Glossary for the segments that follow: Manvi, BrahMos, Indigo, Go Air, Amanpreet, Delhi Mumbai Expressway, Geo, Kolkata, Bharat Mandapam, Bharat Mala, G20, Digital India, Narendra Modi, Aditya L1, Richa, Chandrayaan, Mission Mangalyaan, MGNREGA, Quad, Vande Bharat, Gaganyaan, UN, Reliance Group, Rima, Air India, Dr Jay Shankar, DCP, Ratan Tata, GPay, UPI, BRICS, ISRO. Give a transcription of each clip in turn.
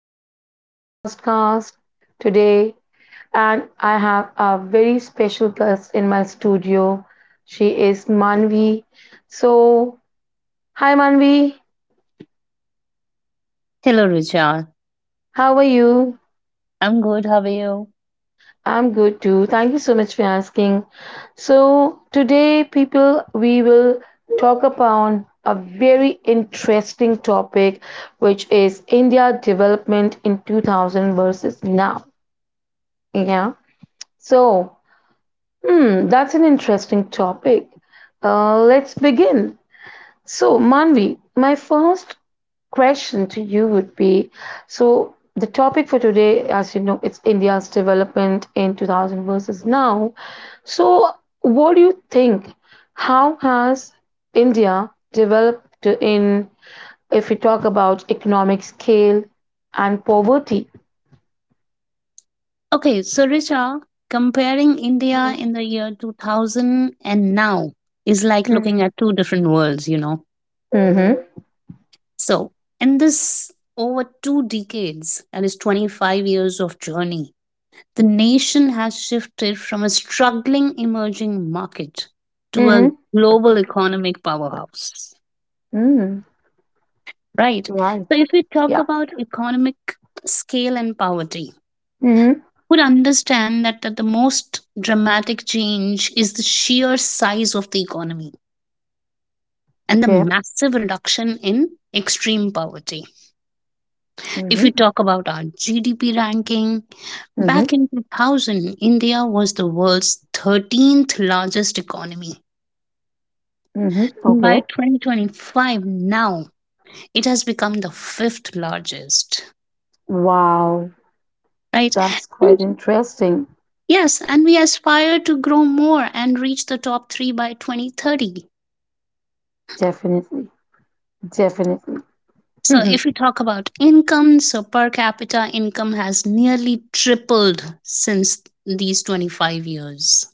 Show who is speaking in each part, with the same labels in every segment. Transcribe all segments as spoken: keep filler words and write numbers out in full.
Speaker 1: to my podcast today. And I have a very special guest in my studio. She is Manvi. So, hi, Manvi.
Speaker 2: Hello, Richa.
Speaker 1: How are you?
Speaker 2: I'm good. How are you?
Speaker 1: I'm good too. Thank you so much for asking. So, today, people, we will talk about a very interesting topic, which is India development in two thousand versus now. Yeah. So, Hmm, that's an interesting topic. Uh, let's begin. So, Manvi, my first question to you would be so, the topic for today, as you know, it's India's development in two thousand versus now. So, what do you think? How has India developed in, if we talk about economic scale and poverty?
Speaker 2: Okay, so Richa, comparing India
Speaker 1: Mm-hmm.
Speaker 2: in the year two thousand and now is like looking at two different worlds, you know.
Speaker 1: Mm-hmm.
Speaker 2: So, in this over two decades, that is twenty-five years of journey, the nation has shifted from a struggling emerging market to a
Speaker 1: Mm-hmm.
Speaker 2: global economic powerhouse,
Speaker 1: Mm-hmm.
Speaker 2: right?
Speaker 1: Right.
Speaker 2: So, if we talk
Speaker 1: Yeah.
Speaker 2: about economic scale and poverty,
Speaker 1: Mm-hmm.
Speaker 2: would understand that, that the most dramatic change is the sheer size of the economy and the
Speaker 1: Okay.
Speaker 2: massive reduction in extreme poverty. If we
Speaker 1: Mm-hmm.
Speaker 2: talk about our G D P ranking,
Speaker 1: Mm-hmm.
Speaker 2: back in two thousand, India was the world's thirteenth largest economy.
Speaker 1: Mm-hmm.
Speaker 2: And by
Speaker 1: Okay.
Speaker 2: twenty twenty-five, now it has become the fifth largest,
Speaker 1: Wow.
Speaker 2: right?
Speaker 1: That's
Speaker 2: And,
Speaker 1: quite interesting.
Speaker 2: yes, and we aspire to grow more and reach the top three by twenty thirty.
Speaker 1: Definitely. Definitely.
Speaker 2: So,
Speaker 1: Mm-hmm.
Speaker 2: if we talk about income, so per capita income has nearly tripled since these twenty-five years.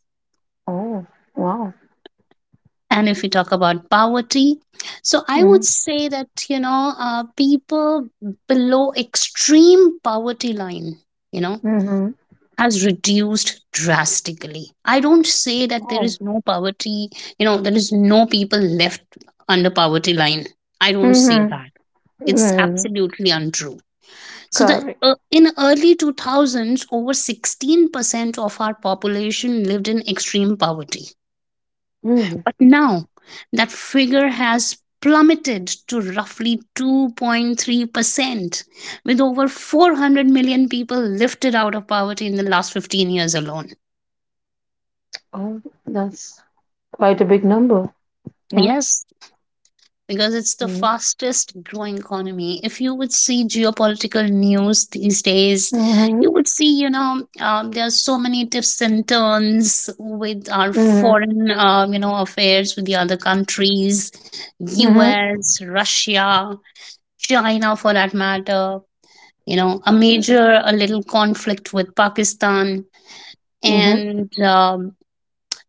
Speaker 1: Oh, wow.
Speaker 2: And if we talk about poverty, so I
Speaker 1: Mm-hmm.
Speaker 2: would say that, you know, uh, people below extreme poverty line, you know,
Speaker 1: Mm-hmm.
Speaker 2: has reduced drastically. I don't say that there
Speaker 1: Oh.
Speaker 2: is no poverty, you know, there is no people left under poverty line. I don't say
Speaker 1: Mm-hmm.
Speaker 2: that. It's
Speaker 1: Mm-hmm.
Speaker 2: absolutely untrue. So the
Speaker 1: Correct.
Speaker 2: uh, in early two thousands over sixteen percent of our population lived in extreme poverty.
Speaker 1: Mm-hmm.
Speaker 2: But now that figure has plummeted to roughly two point three percent with over four hundred million people lifted out of poverty in the last fifteen years alone.
Speaker 1: Oh, that's quite a big number. Yeah.
Speaker 2: Yes, because it's the
Speaker 1: Mm-hmm.
Speaker 2: fastest growing economy. If you would see geopolitical news these days,
Speaker 1: Mm-hmm.
Speaker 2: you would see, you know, um, there are so many twists and turns with our
Speaker 1: Mm-hmm.
Speaker 2: foreign, um, you know, affairs with the other countries,
Speaker 1: Mm-hmm.
Speaker 2: U S, Russia, China for that matter, you know, a major, a little conflict with Pakistan
Speaker 1: Mm-hmm.
Speaker 2: and, um,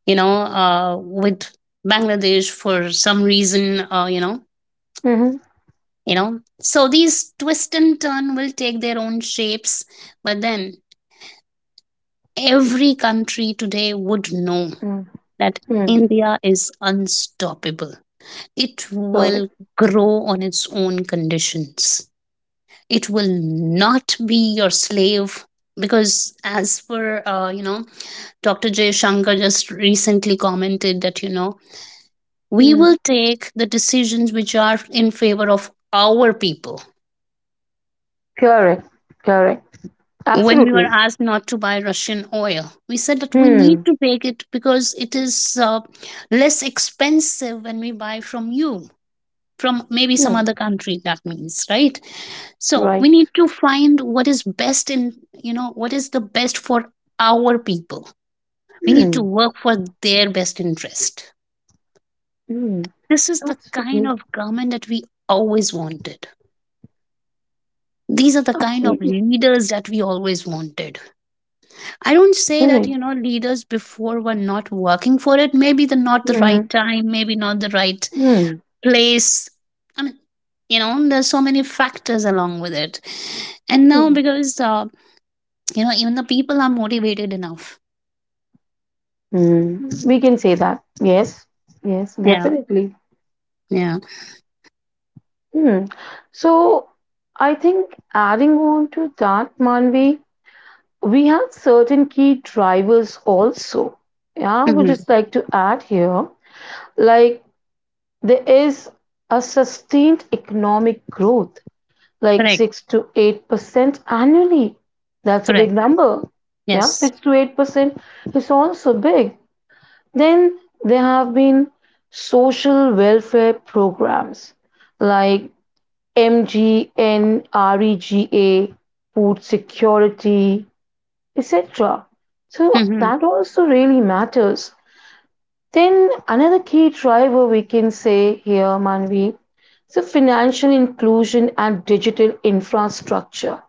Speaker 2: you know, uh, with Bangladesh for some reason, uh, you know,
Speaker 1: Mm-hmm. Mm-hmm.
Speaker 2: you know so these twist and turn will take their own shapes, but then every country today would know that
Speaker 1: Mm-hmm.
Speaker 2: India is unstoppable. It will
Speaker 1: Correct.
Speaker 2: grow on its own conditions. It will not be your slave, because as for uh, you know Dr. Jay Shankar just recently commented that you know we
Speaker 1: Mm.
Speaker 2: will take the decisions which are in favor of our people.
Speaker 1: Correct. Correct.
Speaker 2: When we were
Speaker 1: Absolutely.
Speaker 2: asked not to buy Russian oil, we said that we need
Speaker 1: Hmm.
Speaker 2: to take it because it is uh, less expensive when we buy from you, from maybe some
Speaker 1: Hmm.
Speaker 2: other country. That means, right. So we need
Speaker 1: Right.
Speaker 2: to find what is best in you know what is the best for our people. We need to
Speaker 1: Hmm.
Speaker 2: work for their best interest.
Speaker 1: Hmm.
Speaker 2: This is the kind
Speaker 1: Absolutely.
Speaker 2: of government that we always wanted. These are the kind
Speaker 1: Okay,
Speaker 2: of leaders that we always wanted. I don't say that,
Speaker 1: correct.
Speaker 2: you know, leaders before were not working for it. Maybe the not the right
Speaker 1: Hmm.
Speaker 2: time, maybe not the right
Speaker 1: Hmm.
Speaker 2: place. I mean, you know, there's so many factors along with it. And now,
Speaker 1: Hmm.
Speaker 2: because, uh, you know, even the people are motivated enough.
Speaker 1: We can say that. Yes, yes,
Speaker 2: Yeah.
Speaker 1: definitely.
Speaker 2: Yeah.
Speaker 1: Hmm. So, I think adding on to that, Manvi, we have certain key drivers also. Yeah, I would
Speaker 2: Hmm.
Speaker 1: just like to add here, like there is a sustained economic growth, like
Speaker 2: Correct.
Speaker 1: six to eight percent annually. That's a big
Speaker 2: Correct.
Speaker 1: number. Yeah,
Speaker 2: Yes.
Speaker 1: six to eight percent is also big. Then there have been social welfare programs like MGNREGA, food security, et cetera. So
Speaker 2: Hmm.
Speaker 1: that also really matters. Then another key driver we can say here, Manvi, is the financial inclusion and digital infrastructure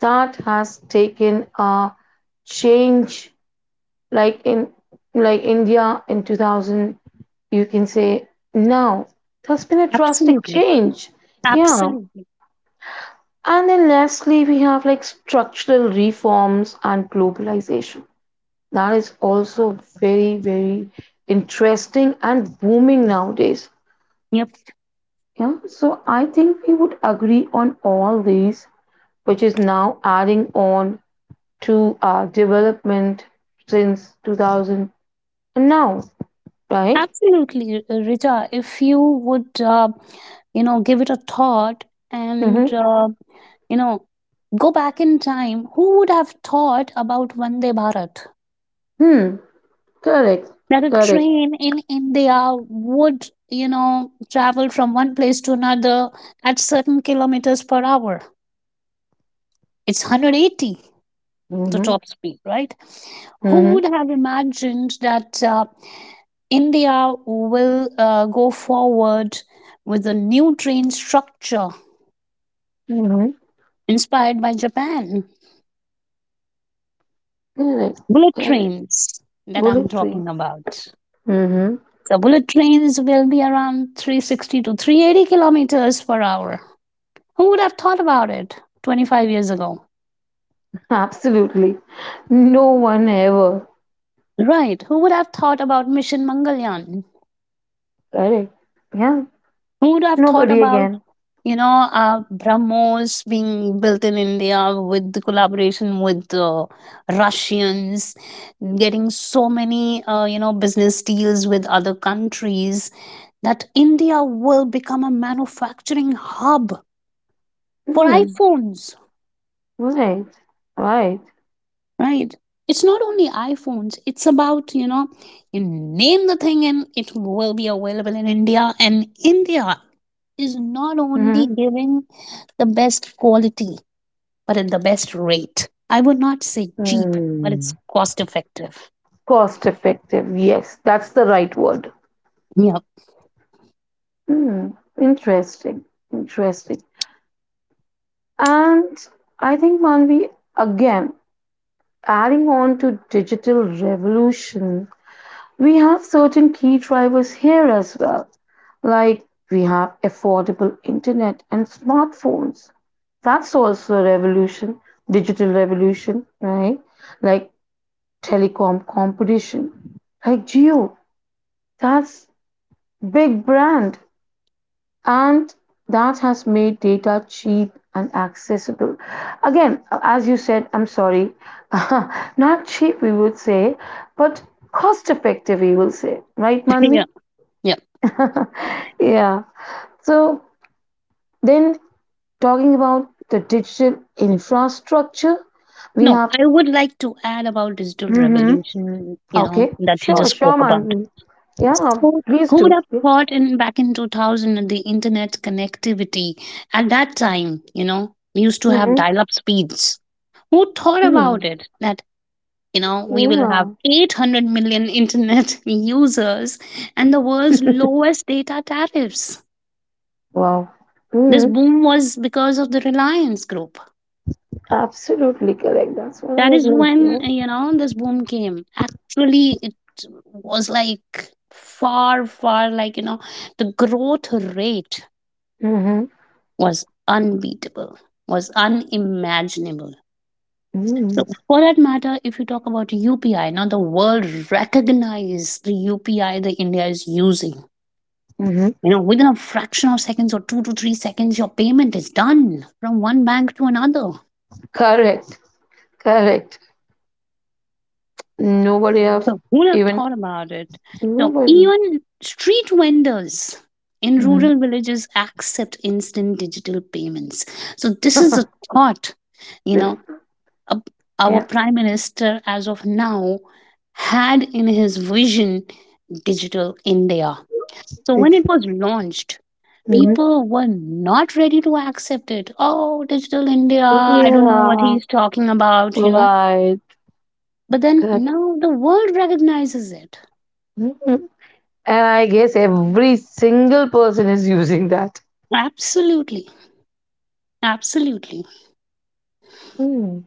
Speaker 1: that has taken a change, like in like India in two thousand, you can say now there's been a drastic
Speaker 2: Absolutely.
Speaker 1: change. Yeah.
Speaker 2: Absolutely.
Speaker 1: And then lastly, we have like structural reforms and globalization. That is also very, very interesting and booming nowadays.
Speaker 2: You're
Speaker 1: Yeah. So I think we would agree on all these, which is now adding on to our development since two thousand and now, right?
Speaker 2: Absolutely, uh, Richa. If you would, uh, you know, give it a thought and,
Speaker 1: Mhm.
Speaker 2: uh, you know, go back in time, who would have thought about Vande Bharat?
Speaker 1: Hmm. Correct.
Speaker 2: That a
Speaker 1: Correct.
Speaker 2: train in India would, you know, travel from one place to another at certain kilometers per hour. It's one hundred eighty, the
Speaker 1: Mm-hmm.
Speaker 2: top speed, right? Who
Speaker 1: Mm-hmm.
Speaker 2: would have imagined that? Uh, India will uh, go forward with a new train structure
Speaker 1: Mm-hmm.
Speaker 2: inspired by Japan.
Speaker 1: Correct.
Speaker 2: Bullet
Speaker 1: Correct.
Speaker 2: trains that I'm
Speaker 1: Bullet train.
Speaker 2: talking about.
Speaker 1: Mm-hmm.
Speaker 2: So, bullet trains will be around three sixty to three eighty kilometers per hour. Who would have thought about it twenty-five years ago?
Speaker 1: Absolutely. No one ever.
Speaker 2: Right. Who would have thought about Mission Mangalyaan?
Speaker 1: Correct. Yeah.
Speaker 2: Who would have thought
Speaker 1: Nobody
Speaker 2: about
Speaker 1: again.
Speaker 2: you know, uh, BrahMos being built in India with the collaboration with uh, Russians, getting so many, uh, you know, business deals with other countries, that India will become a manufacturing hub for
Speaker 1: Hmm.
Speaker 2: iPhones,
Speaker 1: Right. Right.
Speaker 2: right? It's not only iPhones, it's about, you know, you name the thing and it will be available in India. And India is not only
Speaker 1: Mm-hmm.
Speaker 2: giving the best quality but at the best rate. I would not say cheap, but it's
Speaker 1: Mm.
Speaker 2: cost effective.
Speaker 1: Cost effective. Yes, that's the right word.
Speaker 2: Yeah,
Speaker 1: Hmm. Interesting. Interesting. And I think, Manvi, again, adding on to digital revolution, we have certain key drivers here as well, like we have affordable internet and smartphones. That's also a revolution, digital revolution, right? Like telecom competition, like Geo. That's big brand and that has made data cheap and accessible. Again, as you said, I'm sorry, not cheap, we would say, but cost effective, we will say, right,
Speaker 2: yeah,
Speaker 1: Manvi?
Speaker 2: yeah.
Speaker 1: Yeah. So then talking about the digital infrastructure, we
Speaker 2: No,
Speaker 1: have.
Speaker 2: I would like to add about digital
Speaker 1: Hmm,
Speaker 2: revolution, you know,
Speaker 1: okay.
Speaker 2: that you
Speaker 1: Sure,
Speaker 2: just
Speaker 1: sure,
Speaker 2: spoke about.
Speaker 1: Manvi. Yeah,
Speaker 2: So
Speaker 1: please
Speaker 2: who would
Speaker 1: do.
Speaker 2: have thought in back in two thousand, and the internet connectivity at that time, you know, we used to have
Speaker 1: Mm-hmm.
Speaker 2: dial up speeds. Who thought about
Speaker 1: Hmm.
Speaker 2: it that, you know, we will have
Speaker 1: Yeah.
Speaker 2: eight hundred million internet users and the world's lowest data tariffs?
Speaker 1: Wow.
Speaker 2: This
Speaker 1: Hmm.
Speaker 2: boom was because of the Reliance Group.
Speaker 1: Absolutely correct. That's what I
Speaker 2: That
Speaker 1: was
Speaker 2: is when,
Speaker 1: mentioning.
Speaker 2: you know, this boom came. Actually, it was like far, far, like, you know, the growth rate
Speaker 1: Yeah. Mm-hmm.
Speaker 2: was unbeatable, was unimaginable.
Speaker 1: Mm-hmm.
Speaker 2: So, for that matter, if you talk about U P I, now the world recognized the U P I that India is using.
Speaker 1: Mm-hmm.
Speaker 2: You know, within a fraction of seconds or two to three seconds, your payment is done from one bank to another.
Speaker 1: Correct. Correct. Nobody have
Speaker 2: So who would have
Speaker 1: even
Speaker 2: thought about it? So
Speaker 1: nobody.
Speaker 2: even street vendors in
Speaker 1: Mm-hmm.
Speaker 2: rural villages accept instant digital payments. So this is a thought, you know, a- our
Speaker 1: Yeah.
Speaker 2: prime minister as of now had in his vision digital India. So when it was
Speaker 1: Digital.
Speaker 2: launched,
Speaker 1: Mhm.
Speaker 2: people were not ready to accept it. Oh, digital India, I don't know what
Speaker 1: Yeah.
Speaker 2: he's talking about, you know.
Speaker 1: Right.
Speaker 2: But then
Speaker 1: Correct.
Speaker 2: now the world recognizes it
Speaker 1: Mhm. And I guess every single person is using that.
Speaker 2: Absolutely. Absolutely.
Speaker 1: Mm,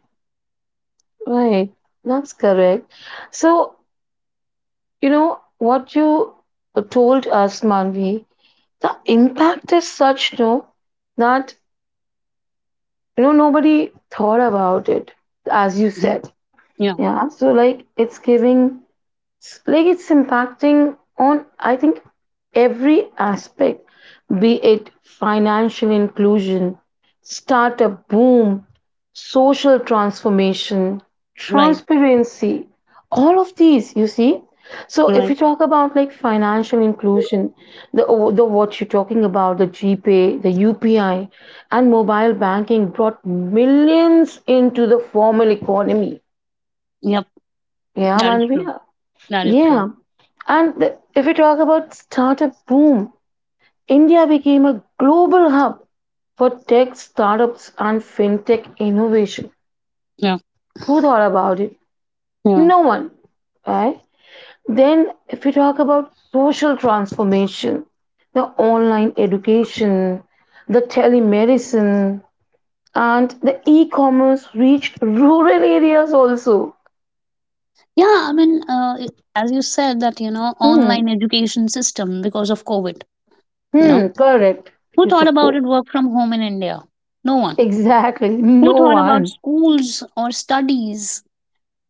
Speaker 1: right. That's correct. So, you know, what you told us, Manvi, the impact is such, no, that, you know, nobody thought about it, as you
Speaker 2: Yeah.
Speaker 1: said.
Speaker 2: Yeah.
Speaker 1: Yeah. So, like, it's giving. It's like it's impacting on, I think, every aspect, be it financial inclusion, startup boom, social transformation,
Speaker 2: Right.
Speaker 1: transparency, all of these, you see. So if
Speaker 2: Right.
Speaker 1: you talk about like financial inclusion, the, oh, the what you're talking about, the GPay, the U P I, and mobile banking brought millions into the formal economy.
Speaker 2: Yep.
Speaker 1: Yeah,
Speaker 2: That is
Speaker 1: Manvi.
Speaker 2: true. That is true.
Speaker 1: Yeah. And the, if we talk about startup boom, India became a global hub for tech startups and fintech innovation.
Speaker 2: Yeah.
Speaker 1: Who thought about it?
Speaker 2: Yeah.
Speaker 1: No one. Right? Then, if we talk about social transformation, the online education, the telemedicine, and the e commerce reached rural areas also.
Speaker 2: Yeah. I mean, uh, i- as you said that, you know, online
Speaker 1: Hmm.
Speaker 2: education system because of COVID, you know,
Speaker 1: Hmm. Correct.
Speaker 2: who
Speaker 1: You
Speaker 2: thought about
Speaker 1: support.
Speaker 2: it work from home in India? No one.
Speaker 1: Exactly.
Speaker 2: Who
Speaker 1: No
Speaker 2: thought about
Speaker 1: one.
Speaker 2: schools or studies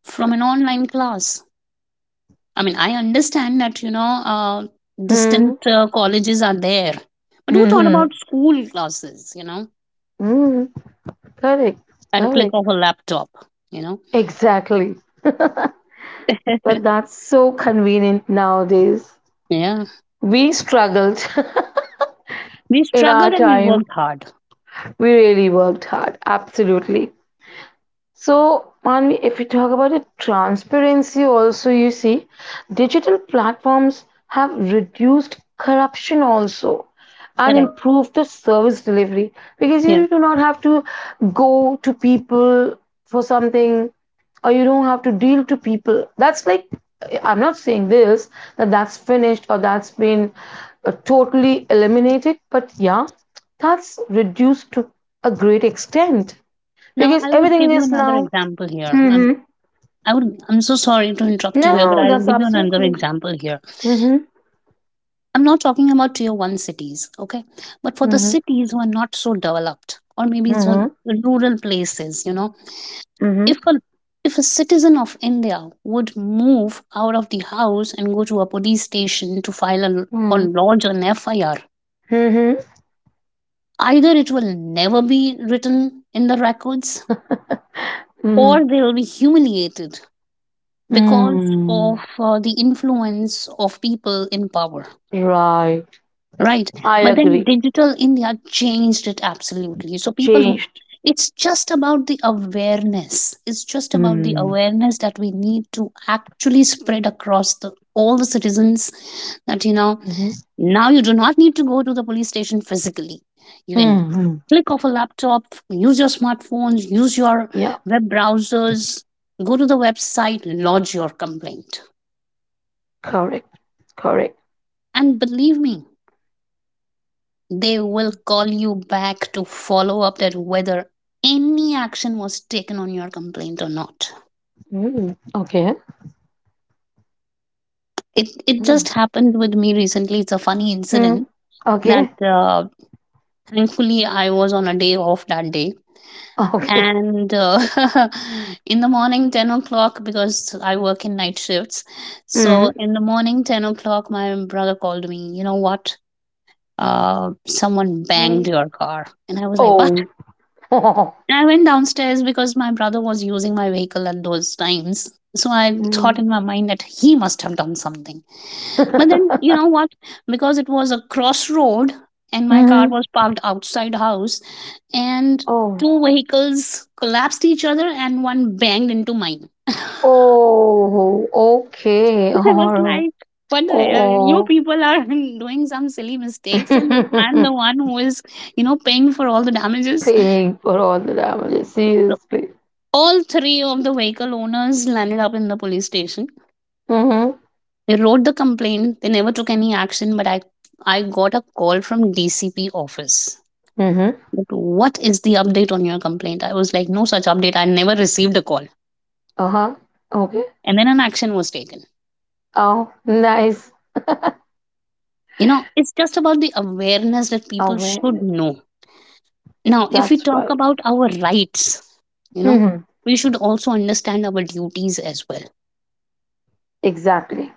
Speaker 2: from an online class? I mean, I understand that, you know, uh, distant
Speaker 1: Hmm.
Speaker 2: uh, colleges are there, but who thought
Speaker 1: Mhm.
Speaker 2: about school classes, you know?
Speaker 1: Mm, correct,
Speaker 2: At a click
Speaker 1: correct.
Speaker 2: of a laptop, you know.
Speaker 1: Exactly. But that's so convenient nowadays.
Speaker 2: Yeah.
Speaker 1: We struggled
Speaker 2: We
Speaker 1: in our
Speaker 2: struggled and we
Speaker 1: time.
Speaker 2: worked hard.
Speaker 1: We really worked hard. Absolutely. So, Manvi, if you talk about the transparency, also you see, digital platforms have reduced corruption also and
Speaker 2: Correct.
Speaker 1: improved the service delivery because
Speaker 2: Yeah.
Speaker 1: you do not have to go to people for something or you don't have to deal to people. That's like I'm not saying this that that's finished or that's been uh, totally eliminated, but yeah, that's reduced to a great extent
Speaker 2: Now
Speaker 1: because
Speaker 2: I would
Speaker 1: everything
Speaker 2: give you
Speaker 1: is
Speaker 2: another
Speaker 1: now.
Speaker 2: example here. I'm
Speaker 1: Mhm.
Speaker 2: I would I'm so sorry to interrupt you here, but
Speaker 1: No,
Speaker 2: I'll
Speaker 1: that's
Speaker 2: give you another
Speaker 1: absolutely.
Speaker 2: example here.
Speaker 1: Mhm.
Speaker 2: I'm not talking about tier one cities, okay? But for the
Speaker 1: Mhm.
Speaker 2: cities who are not so developed or maybe some
Speaker 1: Mhm.
Speaker 2: rural places, you know,
Speaker 1: Mhm.
Speaker 2: if a if a citizen of India would move out of the house and go to a police station to file a, or
Speaker 1: Mhm.
Speaker 2: lodge an F I R.
Speaker 1: Mhm.
Speaker 2: Either it will never be written in the records,
Speaker 1: Mhm.
Speaker 2: or they will be humiliated because of
Speaker 1: Mm.
Speaker 2: uh, the influence of people in power,
Speaker 1: Right.
Speaker 2: right?
Speaker 1: I
Speaker 2: But then
Speaker 1: agree.
Speaker 2: Digital India changed it absolutely. So people who
Speaker 1: Changed.
Speaker 2: It's just about the awareness. It's just about the
Speaker 1: Mm.
Speaker 2: awareness that we need to actually spread across the all the citizens that you know
Speaker 1: Mhm.
Speaker 2: Now you do not need to go to the police station physically. You can
Speaker 1: Mhm.
Speaker 2: click off a laptop, use your smartphones, use your
Speaker 1: Yeah.
Speaker 2: web browsers, go to the website, lodge your complaint.
Speaker 1: Correct. Correct.
Speaker 2: And believe me, they will call you back to follow up that whether any action was taken on your complaint or not.
Speaker 1: Mm. Okay.
Speaker 2: It, it just
Speaker 1: Mm.
Speaker 2: happened with me recently. It's a funny
Speaker 1: Mm.
Speaker 2: incident that
Speaker 1: Okay.
Speaker 2: uh, thankfully I was on a day off that day,
Speaker 1: Okay.
Speaker 2: and uh, in the morning ten o'clock, because I work in night shifts, so
Speaker 1: Mm.
Speaker 2: in the morning ten o'clock my brother called me You know what? Uh, someone banged
Speaker 1: Mm.
Speaker 2: your car. And I was like, what?
Speaker 1: Oh.
Speaker 2: And I went downstairs because my brother was using my vehicle at those times. So I thought
Speaker 1: Mm.
Speaker 2: in my mind that he must have done something. But then, you know what? Because it was a crossroad, and my car
Speaker 1: Mhm.
Speaker 2: was parked outside house, and
Speaker 1: Oh.
Speaker 2: two vehicles collapsed each other, and one banged into mine. I
Speaker 1: Oh. Okay.
Speaker 2: was
Speaker 1: Oh.
Speaker 2: like, what the hell? You
Speaker 1: Oh.
Speaker 2: people are doing some silly mistakes, and I'm the one who is, you know, paying for all the damages.
Speaker 1: Paying for all the damages. Seriously.
Speaker 2: All three of the vehicle owners landed up in the police station.
Speaker 1: Mm-hmm.
Speaker 2: They wrote the complaint. They never took any action, but I, I got a call from D C P office.
Speaker 1: Mm-hmm.
Speaker 2: That, what is the update on your complaint? I was like, no such update. I never received a call.
Speaker 1: Uh-huh. Okay.
Speaker 2: And then an action was taken.
Speaker 1: Oh, nice.
Speaker 2: You know, it's just about the awareness that people should
Speaker 1: Awareness.
Speaker 2: know. Now, if we
Speaker 1: That's
Speaker 2: talk
Speaker 1: right.
Speaker 2: about our rights, you know,
Speaker 1: Mm-hmm.
Speaker 2: we should also understand our duties as well.
Speaker 1: Exactly.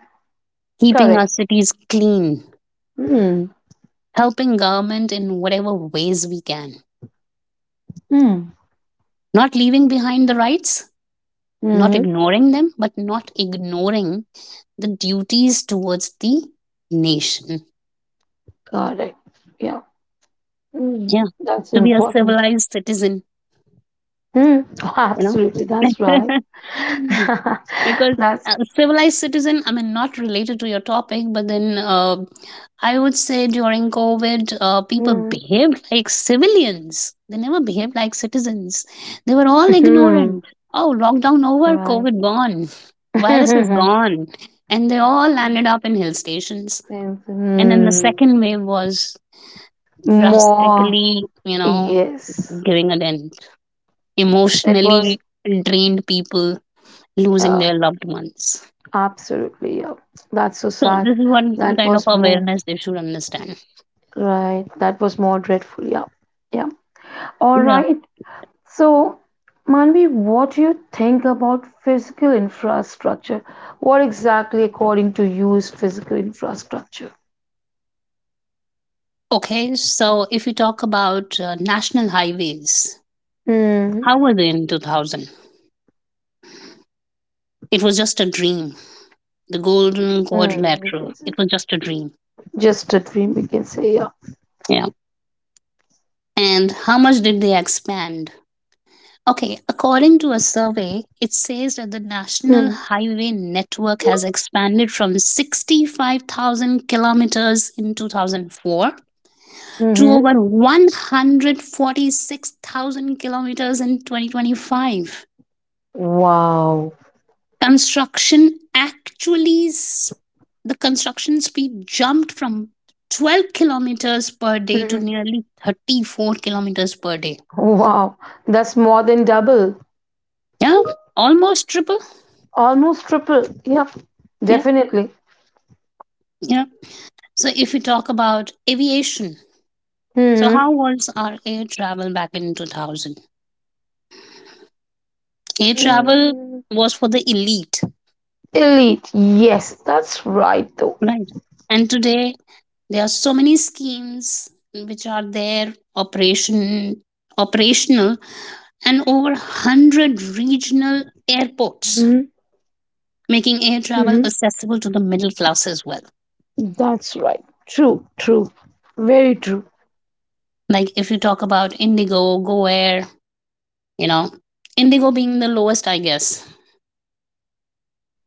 Speaker 2: Keeping
Speaker 1: Correct.
Speaker 2: our cities clean,
Speaker 1: Mm-hmm.
Speaker 2: helping government in whatever ways we can
Speaker 1: Mm-hmm.
Speaker 2: Not leaving behind the rights, not
Speaker 1: Mm-hmm.
Speaker 2: ignoring them, but not ignoring the duties towards the nation.
Speaker 1: Correct. Yeah. Mm.
Speaker 2: Yeah.
Speaker 1: That's
Speaker 2: To be a
Speaker 1: important.
Speaker 2: civilized citizen,
Speaker 1: Mm. Oh,
Speaker 2: you
Speaker 1: absolutely. That's right.
Speaker 2: know? Because
Speaker 1: That's
Speaker 2: uh, civilized citizen, I mean, not related to your topic, but then uh, I would say during covid, uh, people
Speaker 1: mm.
Speaker 2: behaved like civilians. They never behaved like citizens. They were all
Speaker 1: Mhm.
Speaker 2: ignorant. Oh, lockdown over,
Speaker 1: Right.
Speaker 2: covid gone, virus is
Speaker 1: And
Speaker 2: gone, and they all landed up in hill stations. And then the
Speaker 1: mm,
Speaker 2: second wave was
Speaker 1: more.
Speaker 2: drastically, you know
Speaker 1: Yes.
Speaker 2: giving a dent
Speaker 1: It was.
Speaker 2: emotionally, drained people losing
Speaker 1: Yeah,
Speaker 2: their loved ones.
Speaker 1: absolutely. Yeah. That's so
Speaker 2: So
Speaker 1: sad.
Speaker 2: this is one
Speaker 1: That
Speaker 2: kind of
Speaker 1: was more
Speaker 2: awareness they should understand.
Speaker 1: right. That was more dreadful. Yeah. Yeah. All
Speaker 2: Yeah.
Speaker 1: right. So, Manvi, what do you think about physical infrastructure? What exactly, according to you, is physical infrastructure?
Speaker 2: Okay. So if you talk about uh, national highways,
Speaker 1: Mm.
Speaker 2: how were they in two thousand? It was just a dream. The golden
Speaker 1: Mm, we
Speaker 2: quadrilateral.
Speaker 1: can say
Speaker 2: It was just a dream.
Speaker 1: just a dream. We can say yeah.
Speaker 2: Yeah. And how much did they expand? Okay, according to a survey, it says that the national
Speaker 1: Mm.
Speaker 2: highway network has expanded from sixty-five thousand kilometers in two thousand four to
Speaker 1: Mm-hmm.
Speaker 2: over one hundred forty-six thousand kilometers in twenty twenty-five.
Speaker 1: Wow.
Speaker 2: Construction actually, the construction speed jumped from twelve kilometers per day to
Speaker 1: Mhm.
Speaker 2: nearly thirty-four kilometers per day.
Speaker 1: Wow, that's more than double,
Speaker 2: Yeah, almost triple.
Speaker 1: almost triple. Yeah.
Speaker 2: Yeah,
Speaker 1: Definitely.
Speaker 2: yeah. So if we talk about aviation, so
Speaker 1: Hmm.
Speaker 2: how was our air travel back in two thousand? Air travel
Speaker 1: Mm,
Speaker 2: was for the elite,
Speaker 1: elite. Yes, that's right, though.
Speaker 2: right? And today there are so many schemes which are there, operation operational, and over one hundred regional airports,
Speaker 1: Hmm.
Speaker 2: making air travel
Speaker 1: Hmm.
Speaker 2: accessible to the middle class as well.
Speaker 1: That's right. True, true. Very true.
Speaker 2: Like if you talk about Indigo, Go Air, you know, Indigo being the lowest, I guess,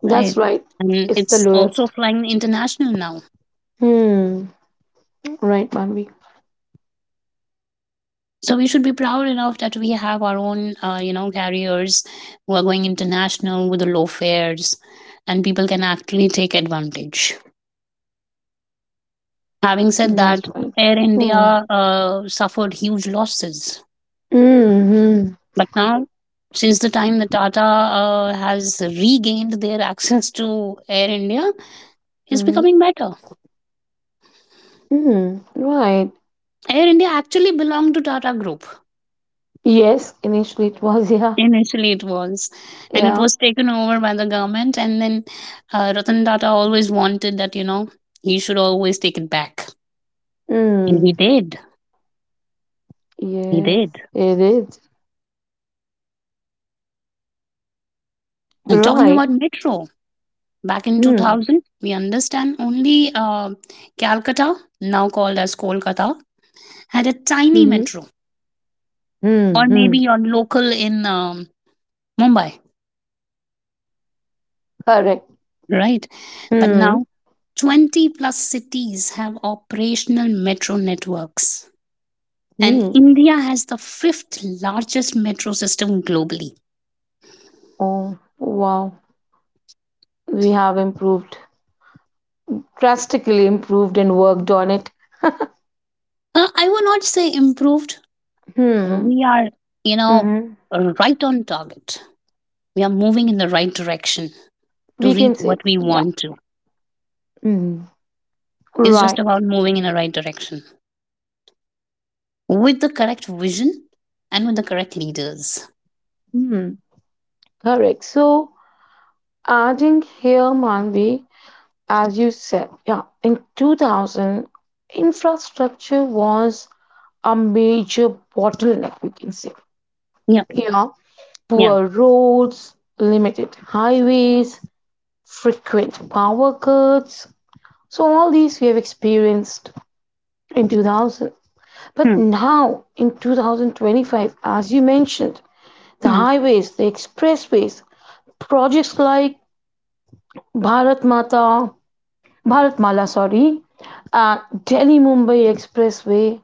Speaker 1: That's
Speaker 2: right?
Speaker 1: right.
Speaker 2: And
Speaker 1: It's the
Speaker 2: it's also
Speaker 1: lowest.
Speaker 2: flying international now,
Speaker 1: Hmm. Right, Manvi.
Speaker 2: so we should be proud enough that we have our own uh, you know carriers who are going international with the low fares, and people can actually take advantage. Having said
Speaker 1: That's
Speaker 2: that,
Speaker 1: right.
Speaker 2: Air India
Speaker 1: Hmm.
Speaker 2: uh, suffered huge losses,
Speaker 1: Mm-hmm.
Speaker 2: but now, since the time that Tata uh, has regained their access to Air India, it's
Speaker 1: Mm-hmm.
Speaker 2: becoming better.
Speaker 1: Hmm. Right.
Speaker 2: Air India actually belonged to Tata Group.
Speaker 1: Yes, initially it was, yeah.
Speaker 2: Initially, it was, and it
Speaker 1: Yeah.
Speaker 2: was taken over by the government. And then uh, Ratan Tata always wanted that, you know, he should always take it back. And he
Speaker 1: Mm-hmm.
Speaker 2: did. He did.
Speaker 1: Yes, it is.
Speaker 2: I'm talking
Speaker 1: Right.
Speaker 2: about metro. Back in
Speaker 1: Hmm.
Speaker 2: two thousand, we understand only uh, Calcutta, now called as Kolkata, had a tiny
Speaker 1: Mm-hmm.
Speaker 2: metro, or maybe
Speaker 1: Mm-hmm.
Speaker 2: your local in um, Mumbai,
Speaker 1: Correct.
Speaker 2: right? But
Speaker 1: Mm-hmm.
Speaker 2: now, twenty plus cities have operational metro networks, and
Speaker 1: Hmm.
Speaker 2: India has the fifth largest metro system globally.
Speaker 1: Oh, wow. We have improved, drastically improved, and worked on it.
Speaker 2: Uh, I will not say improved.
Speaker 1: Hmm.
Speaker 2: We are, you know,
Speaker 1: Mm-hmm.
Speaker 2: right on target. We are moving in the right direction to
Speaker 1: We
Speaker 2: reach
Speaker 1: can say,
Speaker 2: what we
Speaker 1: yeah.
Speaker 2: want to.
Speaker 1: Mm.
Speaker 2: It's just
Speaker 1: Right.
Speaker 2: about moving in the right direction with the correct vision and with the correct leaders.
Speaker 1: Hmm. Correct. So, adding here, Manvi, as you said, yeah, in two thousand, infrastructure was a major bottleneck, we can say.
Speaker 2: Yeah,
Speaker 1: You know,
Speaker 2: yeah.
Speaker 1: poor roads, limited highways, frequent power cuts. So, all these we have experienced in two thousand. But
Speaker 2: Hmm.
Speaker 1: now, in twenty twenty-five, as you mentioned, the
Speaker 2: Hmm.
Speaker 1: highways, the expressways, projects like Bharat Mata, Bharat Mala, sorry, and Delhi Mumbai Expressway,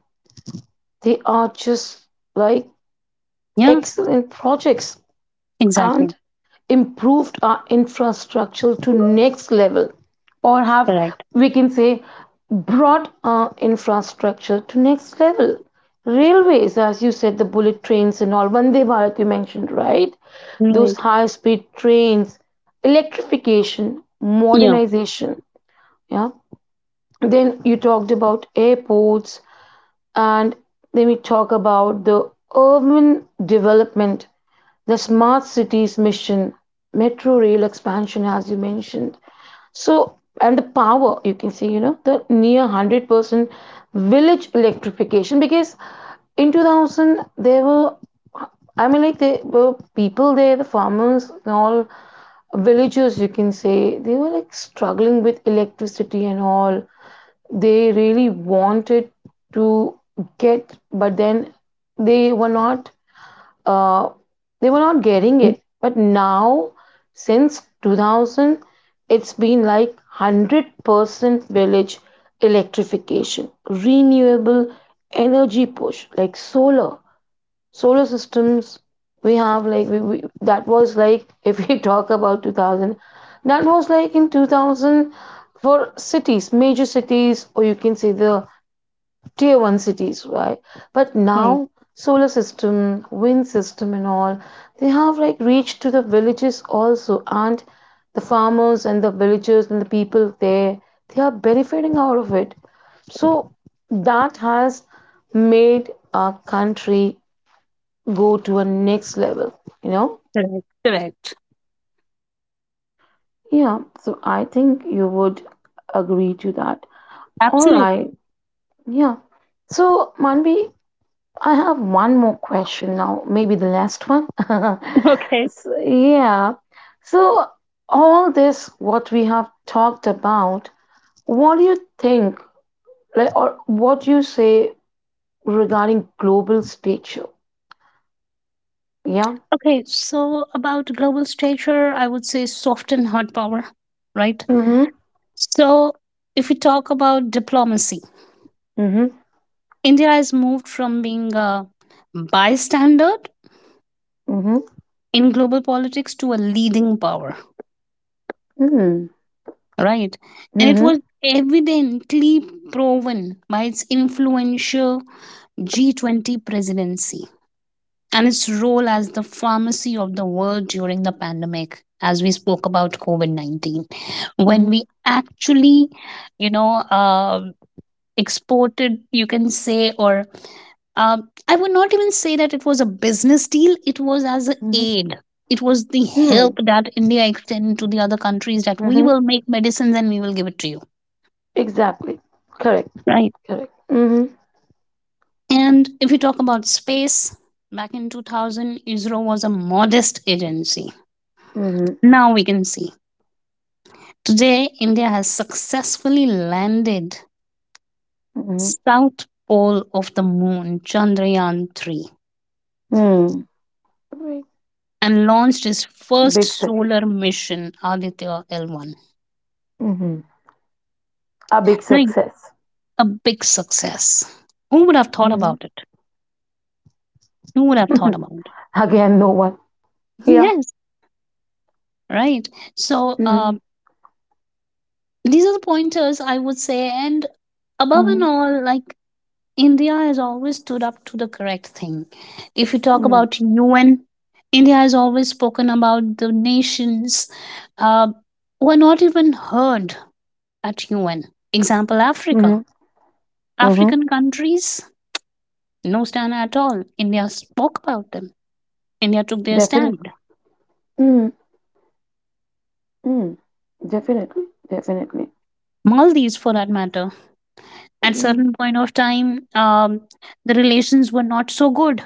Speaker 1: they are just like
Speaker 2: Yeah,
Speaker 1: excellent projects
Speaker 2: exactly.
Speaker 1: and improved our infrastructure to next level, or have,
Speaker 2: Correct.
Speaker 1: we can say, brought our infrastructure to next level. Railways, as you said, the bullet trains and all, Vande Bharat you mentioned, right, those
Speaker 2: Right.
Speaker 1: high speed trains, electrification,
Speaker 2: Yeah.
Speaker 1: modernization, yeah. Then you talked about airports, and then we talk about the urban development, the smart cities mission, metro rail expansion, as you mentioned. So, and the power, you can see, you know, the near one hundred percent village electrification because in two thousand there were, i mean like there were people there, the farmers and all villagers, you can say, they were like struggling with electricity and all. They really wanted to get, but then they were not, uh, they were not getting it. But now, since two thousand, it's been like one hundred percent village electrification, renewable energy push, like solar, solar systems. We have like we, we, that was like if we talk about two thousand, that was like in two thousand for cities, major cities, or you can say the tier one cities, right? But
Speaker 2: Hmm,
Speaker 1: now solar system, wind system and all, they have like reached to the villages also, and the farmers and the villagers and the people there, they are benefiting out of it. So that has made our country go to a next level, you know?
Speaker 2: correct, correct.
Speaker 1: Yeah, so I think you would agree to that. All
Speaker 2: Absolutely.
Speaker 1: right. Yeah. So, Manvi, I have one more question now, maybe the last one.
Speaker 2: Okay.
Speaker 1: So, yeah. So, all this, what we have talked about, what do you think, like, or what do you say regarding global stature? Yeah.
Speaker 2: Okay. So about global stature, I would say soft and hard power, right?
Speaker 1: Mm-hmm.
Speaker 2: So if we talk about diplomacy,
Speaker 1: Mm-hmm.
Speaker 2: India has moved from being a bystander
Speaker 1: Mm-hmm.
Speaker 2: in global politics to a leading power,
Speaker 1: Mm-hmm.
Speaker 2: right? And it
Speaker 1: Mm-hmm.
Speaker 2: was evidently proven by its influential G twenty presidency and its role as the pharmacy of the world during the pandemic, as we spoke about COVID nineteen. When
Speaker 1: Mm-hmm.
Speaker 2: we actually, you know, uh, exported, you can say, or uh, I would not even say that it was a business deal, it was as an
Speaker 1: Mm-hmm.
Speaker 2: aid. It was the help
Speaker 1: Mm-hmm.
Speaker 2: that India extended to the other countries that we
Speaker 1: Mm-hmm.
Speaker 2: will make medicines and we will give it to you,
Speaker 1: Exactly. Correct.
Speaker 2: right?
Speaker 1: Correct. Mm-hmm.
Speaker 2: And if we talk about space, back in two thousand, ISRO was a modest agency.
Speaker 1: Mm-hmm.
Speaker 2: Now we can see. Today, India has successfully landed south pole of the moon, Chandrayaan three,
Speaker 1: Mm-hmm. Mm.
Speaker 2: and launched its first
Speaker 1: Big success.
Speaker 2: solar mission, Aditya L one.
Speaker 1: Mm-hmm. A big
Speaker 2: Like
Speaker 1: success.
Speaker 2: a big success. Who would have thought
Speaker 1: Mm-hmm.
Speaker 2: about it? Who would have thought about it?
Speaker 1: Again, no one. Yeah.
Speaker 2: Yes, right. So,
Speaker 1: Mm-hmm.
Speaker 2: um, these are the pointers I would say. And above and all, like, India has always stood up to the correct thing. If you talk
Speaker 1: Mm-hmm.
Speaker 2: about U N, India has always spoken about the nations uh, who are not even heard at U N. Example Africa.
Speaker 1: Mm-hmm. Mm-hmm.
Speaker 2: African countries, no stand at all. India spoke about them. India took their
Speaker 1: Definitely.
Speaker 2: stand.
Speaker 1: Mm-hmm. Definitely. Definitely.
Speaker 2: Maldives, for that matter. At
Speaker 1: Mm.
Speaker 2: certain point of time, um, the relations were not so good,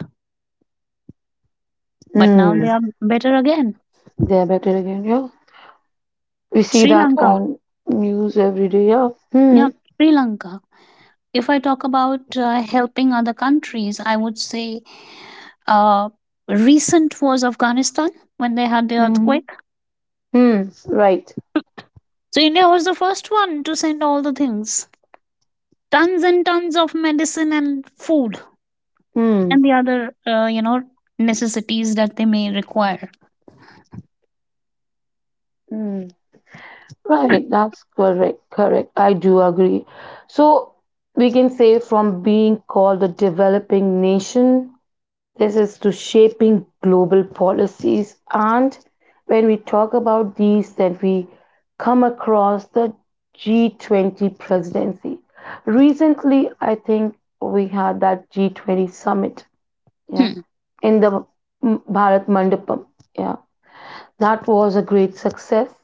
Speaker 2: but now
Speaker 1: Mm.
Speaker 2: they are better again.
Speaker 1: They're better again. Yeah. We see
Speaker 2: Sri
Speaker 1: that
Speaker 2: Lanka,
Speaker 1: on news every day. Yeah.
Speaker 2: yeah,
Speaker 1: Mm.
Speaker 2: Sri Lanka. If I talk about uh, helping other countries, I would say uh, recent was Afghanistan when they had the
Speaker 1: Mm-hmm.
Speaker 2: earthquake.
Speaker 1: Mm. Right.
Speaker 2: So India was the first one to send all the things, tons and tons of medicine and food,
Speaker 1: Hmm.
Speaker 2: and the other, uh, you know, necessities that they may require.
Speaker 1: Hmm. Right. That's correct. Correct. I do agree. So we can say from being called the developing nation, this is to shaping global policies. And when we talk about these, then we come across the G twenty presidency. Recently, I think we had that G twenty summit, yeah,
Speaker 2: Hmm.
Speaker 1: in the Bharat Mandapam, yeah. That was a great success.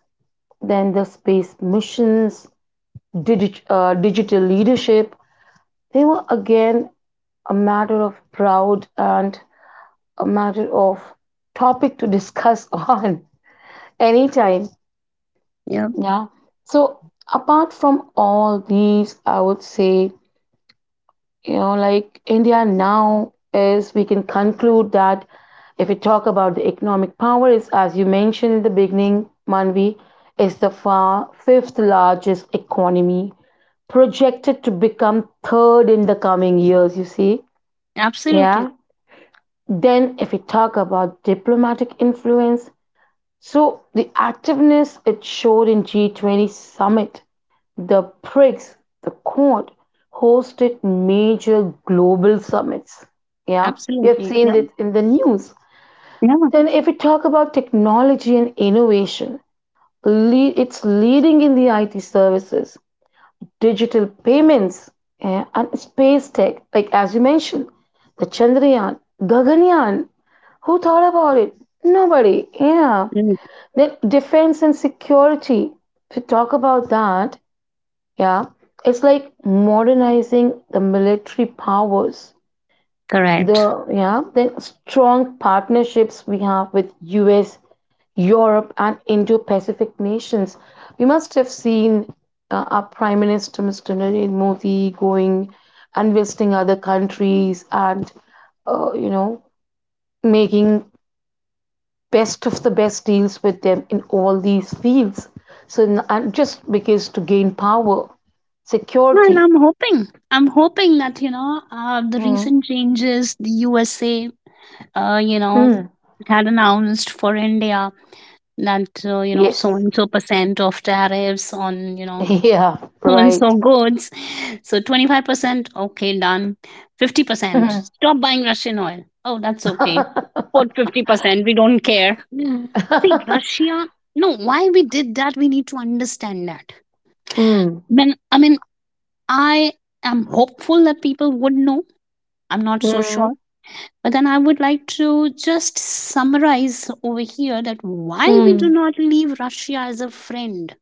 Speaker 1: Then the space missions, digit, uh, digital leadership, they were again a matter of proud and a matter of topic to discuss on anytime. Yeah. So apart from all these, I would say, you know, like India now is, we can conclude that if we talk about the economic power, is, as you mentioned in the beginning, Manvi, is the far fifth largest economy, projected to become third in the coming years, you see.
Speaker 2: Absolutely,
Speaker 1: Yeah. Then if we talk about diplomatic influence, so the activeness it showed in G twenty summit, the BRICS, the Quad, hosted major global summits. Yeah, we have
Speaker 2: absolutely.
Speaker 1: seen
Speaker 2: Yeah,
Speaker 1: it in the news.
Speaker 2: yeah,
Speaker 1: Then, if we talk about technology and innovation, it's leading in the I T services, digital payments, eh, and space tech. Like as you mentioned, the Chandrayaan, Gaganyaan. Who thought about it? Nobody. Yeah.
Speaker 2: mm,
Speaker 1: Then defense and security. To talk about that, yeah, it's like modernizing the military powers.
Speaker 2: correct.
Speaker 1: The yeah, then strong partnerships we have with U S, Europe, and Indo-Pacific nations. You must have seen uh, our Prime Minister Mister Narendra Modi going and visiting other countries and uh, you know making best of the best deals with them in all these fields. So and just because to gain power,
Speaker 2: Yeah, and
Speaker 1: security.
Speaker 2: I'm hoping, I'm hoping that you know, uh, the
Speaker 1: Mm.
Speaker 2: recent changes the U S A, uh, you know,
Speaker 1: Mm.
Speaker 2: had announced for India, that uh, you know so
Speaker 1: Yes.
Speaker 2: and so percent of tariffs on you know
Speaker 1: Yeah.
Speaker 2: so and
Speaker 1: Right.
Speaker 2: so goods. So twenty-five percent, okay, done. fifty percent,
Speaker 1: Mm.
Speaker 2: stop buying Russian oil. Oh, that's okay. Put fifty percent, we don't care. Mm. See, Russia, no, why we did that, we need to understand that.
Speaker 1: Mm.
Speaker 2: Then I mean, I am hopeful that people would know. I'm not so
Speaker 1: Mm.
Speaker 2: sure. But then I would like to just summarize over here that why we do
Speaker 1: Mm.
Speaker 2: not leave Russia as a friend.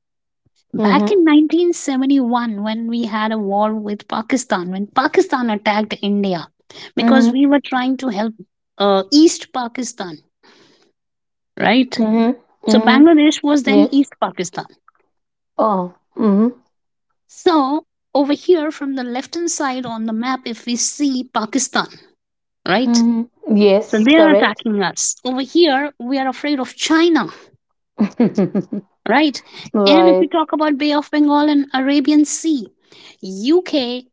Speaker 2: Back
Speaker 1: Mm-hmm.
Speaker 2: in nineteen seventy-one, when we had a war with Pakistan, when Pakistan attacked India because we were trying to help uh, East Pakistan, right?
Speaker 1: Mm. Mm.
Speaker 2: So
Speaker 1: Mm.
Speaker 2: Bangladesh was then
Speaker 1: Yes.
Speaker 2: East Pakistan.
Speaker 1: Oh. Mm-hmm.
Speaker 2: So over here, from the left hand side on the map, if we see Pakistan, right?
Speaker 1: Mm.
Speaker 2: So
Speaker 1: Yes.
Speaker 2: they are
Speaker 1: Correct.
Speaker 2: attacking us. Over here, we are afraid of China, right? And if we
Speaker 1: Right.
Speaker 2: talk about Bay of Bengal and Arabian Sea, U K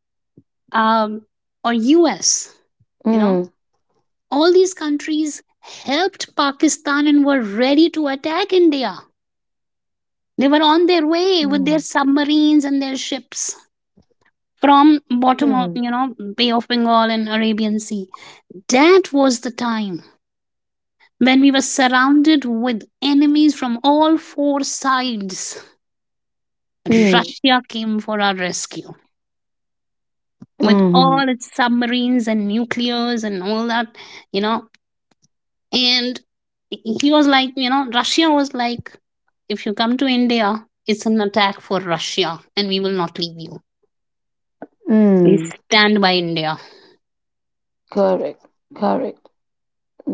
Speaker 2: um, or U S, you know
Speaker 1: Mm.
Speaker 2: all these countries helped Pakistan and were ready to attack India. They were on their way with their
Speaker 1: Mm.
Speaker 2: submarines and their ships from bottom of
Speaker 1: Mm.
Speaker 2: you know Bay of Bengal and Arabian Sea. That was the time when we were surrounded with enemies from all four sides.
Speaker 1: Mm.
Speaker 2: Russia came for our rescue with
Speaker 1: Mm.
Speaker 2: all its submarines and nuclears and all that, you know, and he was like, you know Russia was like, if you come to India, it's an attack for Russia and we will not leave you. We
Speaker 1: Mm.
Speaker 2: stand by India.
Speaker 1: Correct. Correct.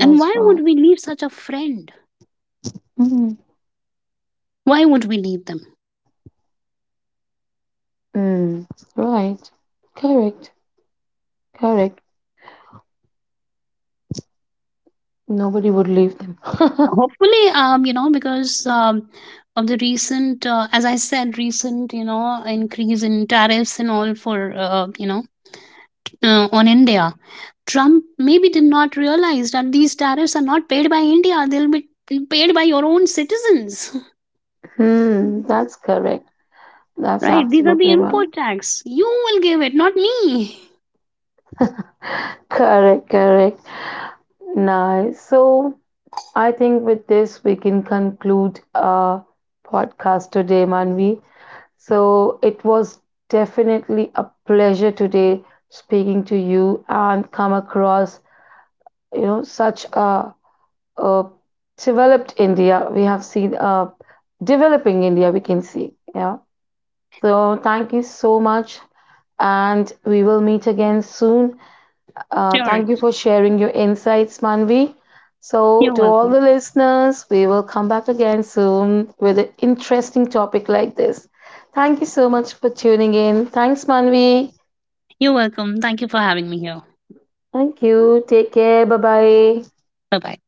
Speaker 2: And why would
Speaker 1: right.
Speaker 2: we leave such a friend?
Speaker 1: Mm.
Speaker 2: Why would we leave them?
Speaker 1: Mm. Right. Correct. Correct. Nobody would leave them.
Speaker 2: Hopefully, um you know because um of the recent, uh, as I said, recent, you know increase in tariffs and all for, uh, you know uh, on India, Trump maybe did not realize that these tariffs are not paid by India, they'll be paid by your own citizens.
Speaker 1: Hmm. That's correct. That's
Speaker 2: Right, these are the
Speaker 1: absolutely right.
Speaker 2: import tax. You will give it, not me.
Speaker 1: Correct. Correct. Nice. So I think with this we can conclude our podcast today, Manvi. So it was definitely a pleasure today speaking to you and come across you know such a uh, developed India. We have seen uh, developing India, we can see. Yeah. So thank you so much. And we will meet again soon. Uh,
Speaker 2: Sure.
Speaker 1: thank you for sharing your insights, Manvi. So,
Speaker 2: You're
Speaker 1: to all
Speaker 2: welcome.
Speaker 1: the listeners, we will come back again soon with an interesting topic like this. Thank you so much for tuning in. Thanks, Manvi.
Speaker 2: You're welcome. Thank you for having me here.
Speaker 1: Thank you. Take care. Bye bye.
Speaker 2: Bye bye.